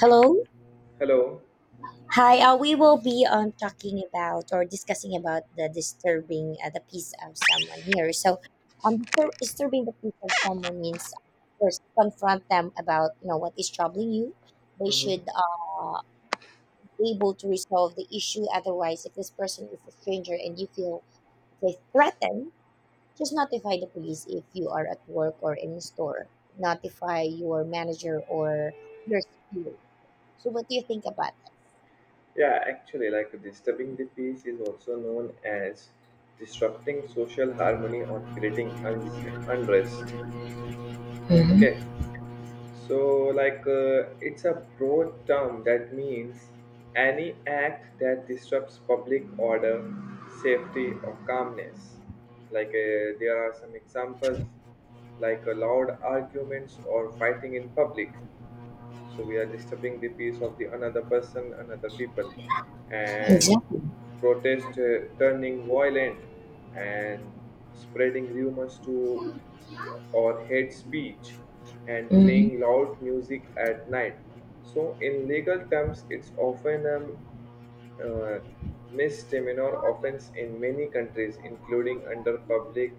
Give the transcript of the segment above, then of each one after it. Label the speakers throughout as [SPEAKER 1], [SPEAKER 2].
[SPEAKER 1] Hello.
[SPEAKER 2] Hello.
[SPEAKER 1] Hi. We will be talking about or discussing about the disturbing the peace of someone here. So, disturbing the peace of someone means first confront them about you know what is troubling you. They
[SPEAKER 2] Mhm.
[SPEAKER 1] should be able to resolve the issue. Otherwise, if this person is a stranger and you feel they threatened, just notify the police if you are at work or in the store. Notify your manager or your superior. So, what do you think about that?
[SPEAKER 2] Yeah, actually, like disturbing the peace is also known as disrupting social harmony or creating unrest. Okay,
[SPEAKER 1] Mhm.
[SPEAKER 2] so like uh, it's a broad term that means any act that disrupts public order, safety, or calmness. There are some examples loud arguments or fighting in public, so we are disturbing the peace of the another people and
[SPEAKER 1] Exactly.
[SPEAKER 2] protest turning violent, and spreading rumors to or hate speech, and playing
[SPEAKER 1] Hmm.
[SPEAKER 2] loud music at night. So in legal terms, it's often uh, misdemeanor offense in many countries, including under public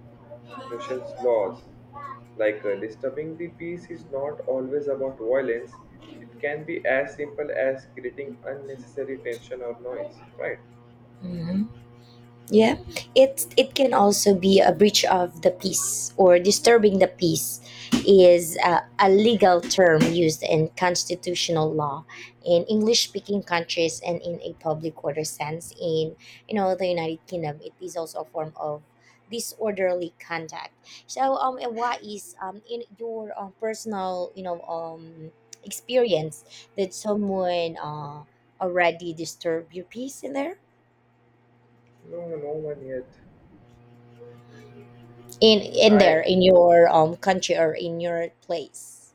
[SPEAKER 2] nuisance laws. Disturbing the peace is not always about violence. It can be as simple as creating unnecessary tension or noise, right?
[SPEAKER 1] Hmm. Yeah, it can also be a breach of the peace, or disturbing the peace
[SPEAKER 2] Mhm.
[SPEAKER 1] is a legal term used in constitutional law in English speaking countries, and in a public order sense in you know the United Kingdom it is also a form of disorderly conduct. And what is in your personal experience, did someone already disturb your peace in there?
[SPEAKER 2] No, no one yet.
[SPEAKER 1] In there,
[SPEAKER 2] I,
[SPEAKER 1] in your country or in your place?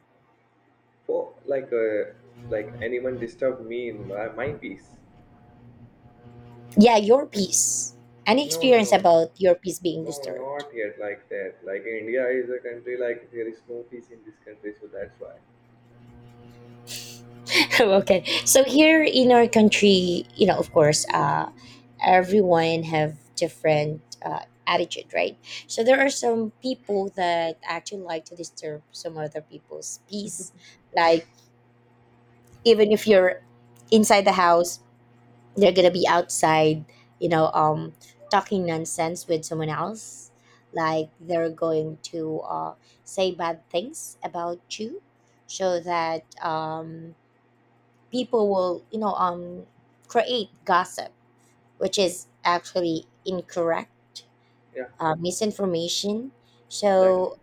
[SPEAKER 2] for like anyone disturb me in my peace.
[SPEAKER 1] Yeah, your peace. Any
[SPEAKER 2] No, no,
[SPEAKER 1] experience
[SPEAKER 2] no,
[SPEAKER 1] about your peace being
[SPEAKER 2] no,
[SPEAKER 1] disturbed?
[SPEAKER 2] not yet like that. Like India is a country, like there is no peace in this country, so that's why.
[SPEAKER 1] Okay, so here in our country, you know, of course everyone have different attitude, right? So there are some people that actually like to disturb some other people's peace, like even if you're inside the house, they're gonna be outside, you know, talking nonsense with someone else, like they're going to say bad things about you so that people will create gossip, which is actually incorrect.
[SPEAKER 2] Yeah.
[SPEAKER 1] Misinformation,
[SPEAKER 2] Exactly.
[SPEAKER 1] so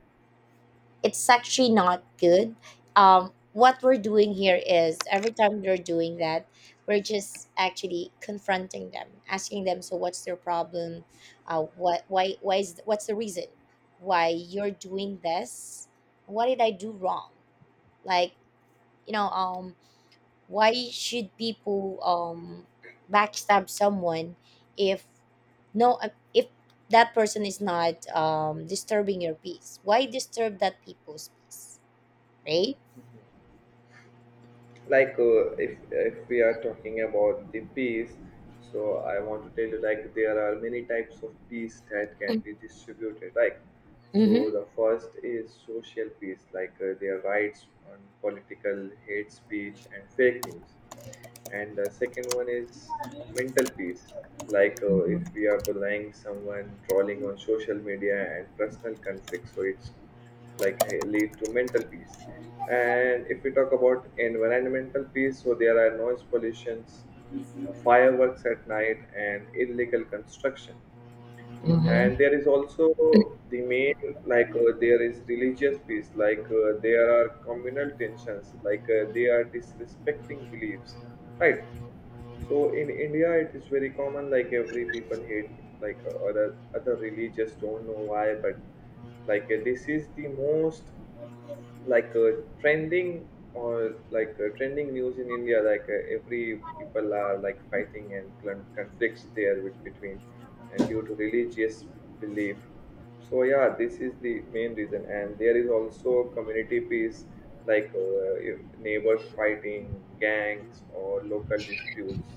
[SPEAKER 1] it's actually not good. What we're doing here is every time they're doing that, we're just actually confronting them, asking them, so what's their problem? What's the reason why you're doing this? What did I do wrong? Like, you know, um, why should people backstab someone if no, uh, if that person is not disturbing your peace? Why disturb that people's peace, right?
[SPEAKER 2] If we are talking about the peas, so I want to tell you, like there are many types of peas that can be distributed. Like, so
[SPEAKER 1] Mm-hmm.
[SPEAKER 2] the first is social peas, their rights on political hate speech and fake news. And the second one is mental peace, if we are bullying someone, trolling on social media and personal conflict, so it's lead to mental peace. And if we talk about environmental peace, so there are noise pollutions, fireworks at night and illegal construction. And
[SPEAKER 1] Mm-hmm.
[SPEAKER 2] there is also the main, there is religious peace, there are communal tensions, they are disrespecting beliefs, right? So in India, it is very common. Like every people hate, other religious. Don't know why, but this is the most, like uh, trending, or trending news in India. Every people are like fighting and conflicts there with, between, and due to religious belief. So yeah, this is the main reason, and there is also community peace, if neighbors fighting, gangs, or local disputes.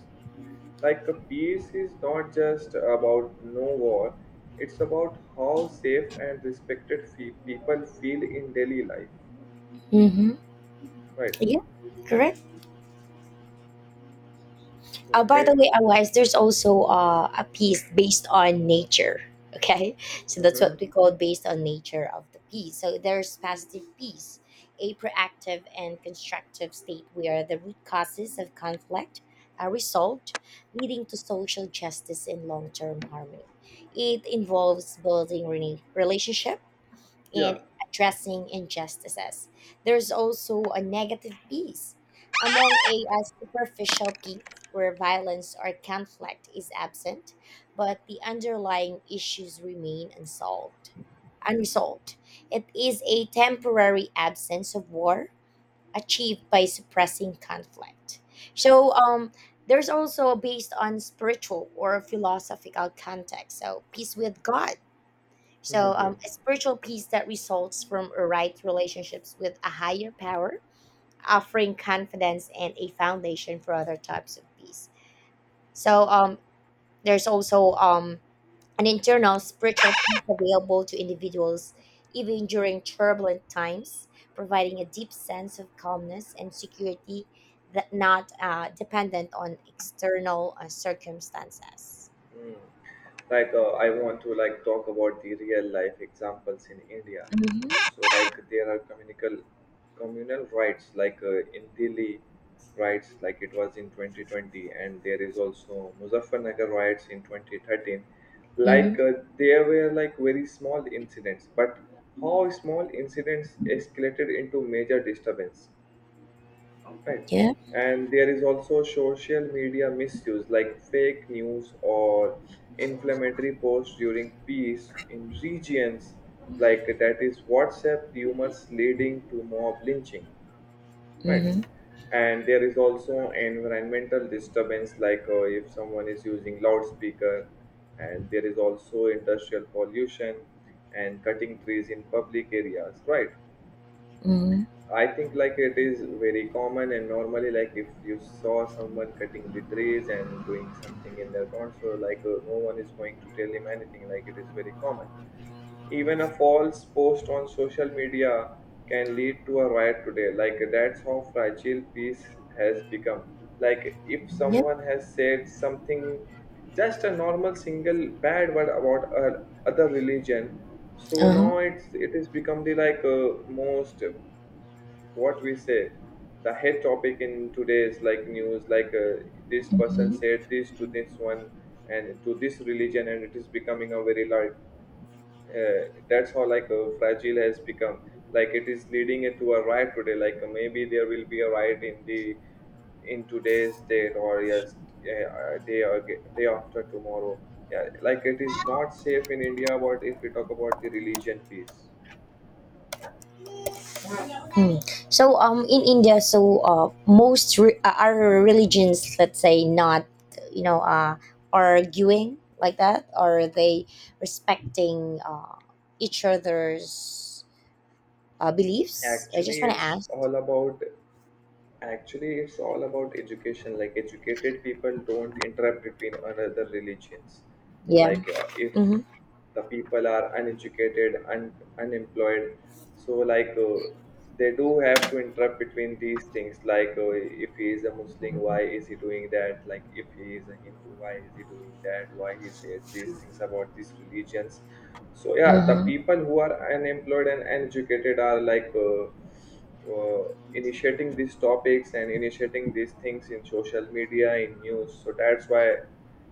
[SPEAKER 2] Like a peace is not just about no war, it's about how safe and respected people feel in daily life.
[SPEAKER 1] Mm-hmm.
[SPEAKER 2] Right.
[SPEAKER 1] Yeah, correct.
[SPEAKER 2] Go
[SPEAKER 1] By the
[SPEAKER 2] ahead.
[SPEAKER 1] way, otherwise, there's also a piece based on nature. Okay, so that's
[SPEAKER 2] Hmm.
[SPEAKER 1] what we call based on nature of the piece. So there's positive peace, a proactive and constructive state where the root causes of conflict are resolved, leading to social justice and long-term harmony. It involves building relationships
[SPEAKER 2] Yeah.
[SPEAKER 1] in addressing injustices. There's also a negative piece, among a superficial piece where violence or conflict is absent, but the underlying issues remain unsolved. Unresolved. It is a temporary absence of war achieved by suppressing conflict. So, um, there's also based on spiritual or philosophical context. So, peace with God, so,
[SPEAKER 2] Hmm.
[SPEAKER 1] a spiritual peace that results from a right relationships with a higher power, offering confidence and a foundation for other types of peace. So, um, there's also an internal spiritual peace available to individuals even during turbulent times, providing a deep sense of calmness and security that not dependent on external circumstances.
[SPEAKER 2] I want to like talk about the real life examples in India.
[SPEAKER 1] Mm-hmm.
[SPEAKER 2] So like there are communal communal rights in Delhi, riots like it was in 2020, and there is also Muzaffarnagar riots in 2013.
[SPEAKER 1] Mm-hmm.
[SPEAKER 2] like uh, there were like very small incidents, but how small incidents escalated into major disturbance, right?
[SPEAKER 1] Yeah.
[SPEAKER 2] And there is also social media misuse, like fake news or inflammatory posts during peace in regions, like that is WhatsApp rumors leading to mob lynching,
[SPEAKER 1] Mm-hmm.
[SPEAKER 2] right? And there is also environmental disturbance, if someone is using loudspeaker, and there is also industrial pollution and cutting trees in public areas, right?
[SPEAKER 1] Mm-hmm.
[SPEAKER 2] I think like it is very common, and normally, like if you saw someone cutting the trees and doing something in their lawn, so no one is going to tell him anything. Like it is very common. Even a false post on social media can lead to a riot today. Like that's how fragile peace has become. Like if
[SPEAKER 1] Yep.
[SPEAKER 2] someone has said something, just a normal single bad word about other religion, so
[SPEAKER 1] Uh-huh.
[SPEAKER 2] now it has become the most, what we say, the head topic in today's like news, this person
[SPEAKER 1] Mm-hmm.
[SPEAKER 2] said this to this one and to this religion, and it is becoming a very large, that's how fragile has become. Like it is leading it to a riot today, maybe there will be a riot in the, in today's date, or yes, day or day after tomorrow. Yeah, like it is not safe in India. But if we talk about the religion piece,
[SPEAKER 1] Hmm. So in India, so are religions, let's say, not you know uh arguing like that? Are they respecting each other's beliefs? I
[SPEAKER 2] actually
[SPEAKER 1] just want to
[SPEAKER 2] it's
[SPEAKER 1] ask.
[SPEAKER 2] all about actually, it's all about education. Like educated people don't interrupt between another religions.
[SPEAKER 1] Yeah.
[SPEAKER 2] If
[SPEAKER 1] Mm-hmm.
[SPEAKER 2] the people are uneducated and unemployed, so they do have to interrupt between these things. If he is a Muslim, why is he doing that? Like if he is a Hindu, why is he doing that? Why he says these things about these religions? So yeah, the
[SPEAKER 1] Mm-hmm.
[SPEAKER 2] people who are unemployed and uneducated are like. Uh, initiating these topics and initiating these things in social media, in news, so that's why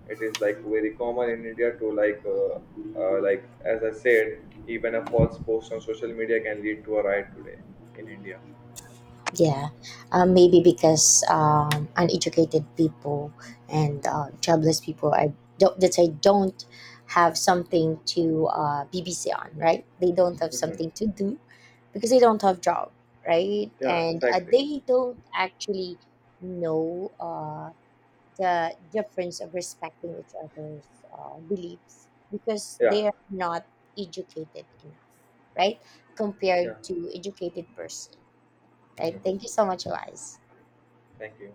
[SPEAKER 2] it is like very common in India to like, as I said, even a false post on social media can lead to a riot today in India.
[SPEAKER 1] Yeah. Maybe because uneducated people and jobless people are don't, that I don't have something to BBC on, right? They don't have
[SPEAKER 2] Mhm.
[SPEAKER 1] something to do because they don't have job, right?
[SPEAKER 2] Yeah,
[SPEAKER 1] And
[SPEAKER 2] exactly.
[SPEAKER 1] they don't actually know the difference of respecting each other's beliefs because
[SPEAKER 2] Yeah.
[SPEAKER 1] they are not educated enough, right,
[SPEAKER 2] Yeah.
[SPEAKER 1] compared to educated person. Right.
[SPEAKER 2] Mhm.
[SPEAKER 1] Thank you so much, Elias.
[SPEAKER 2] Thank you.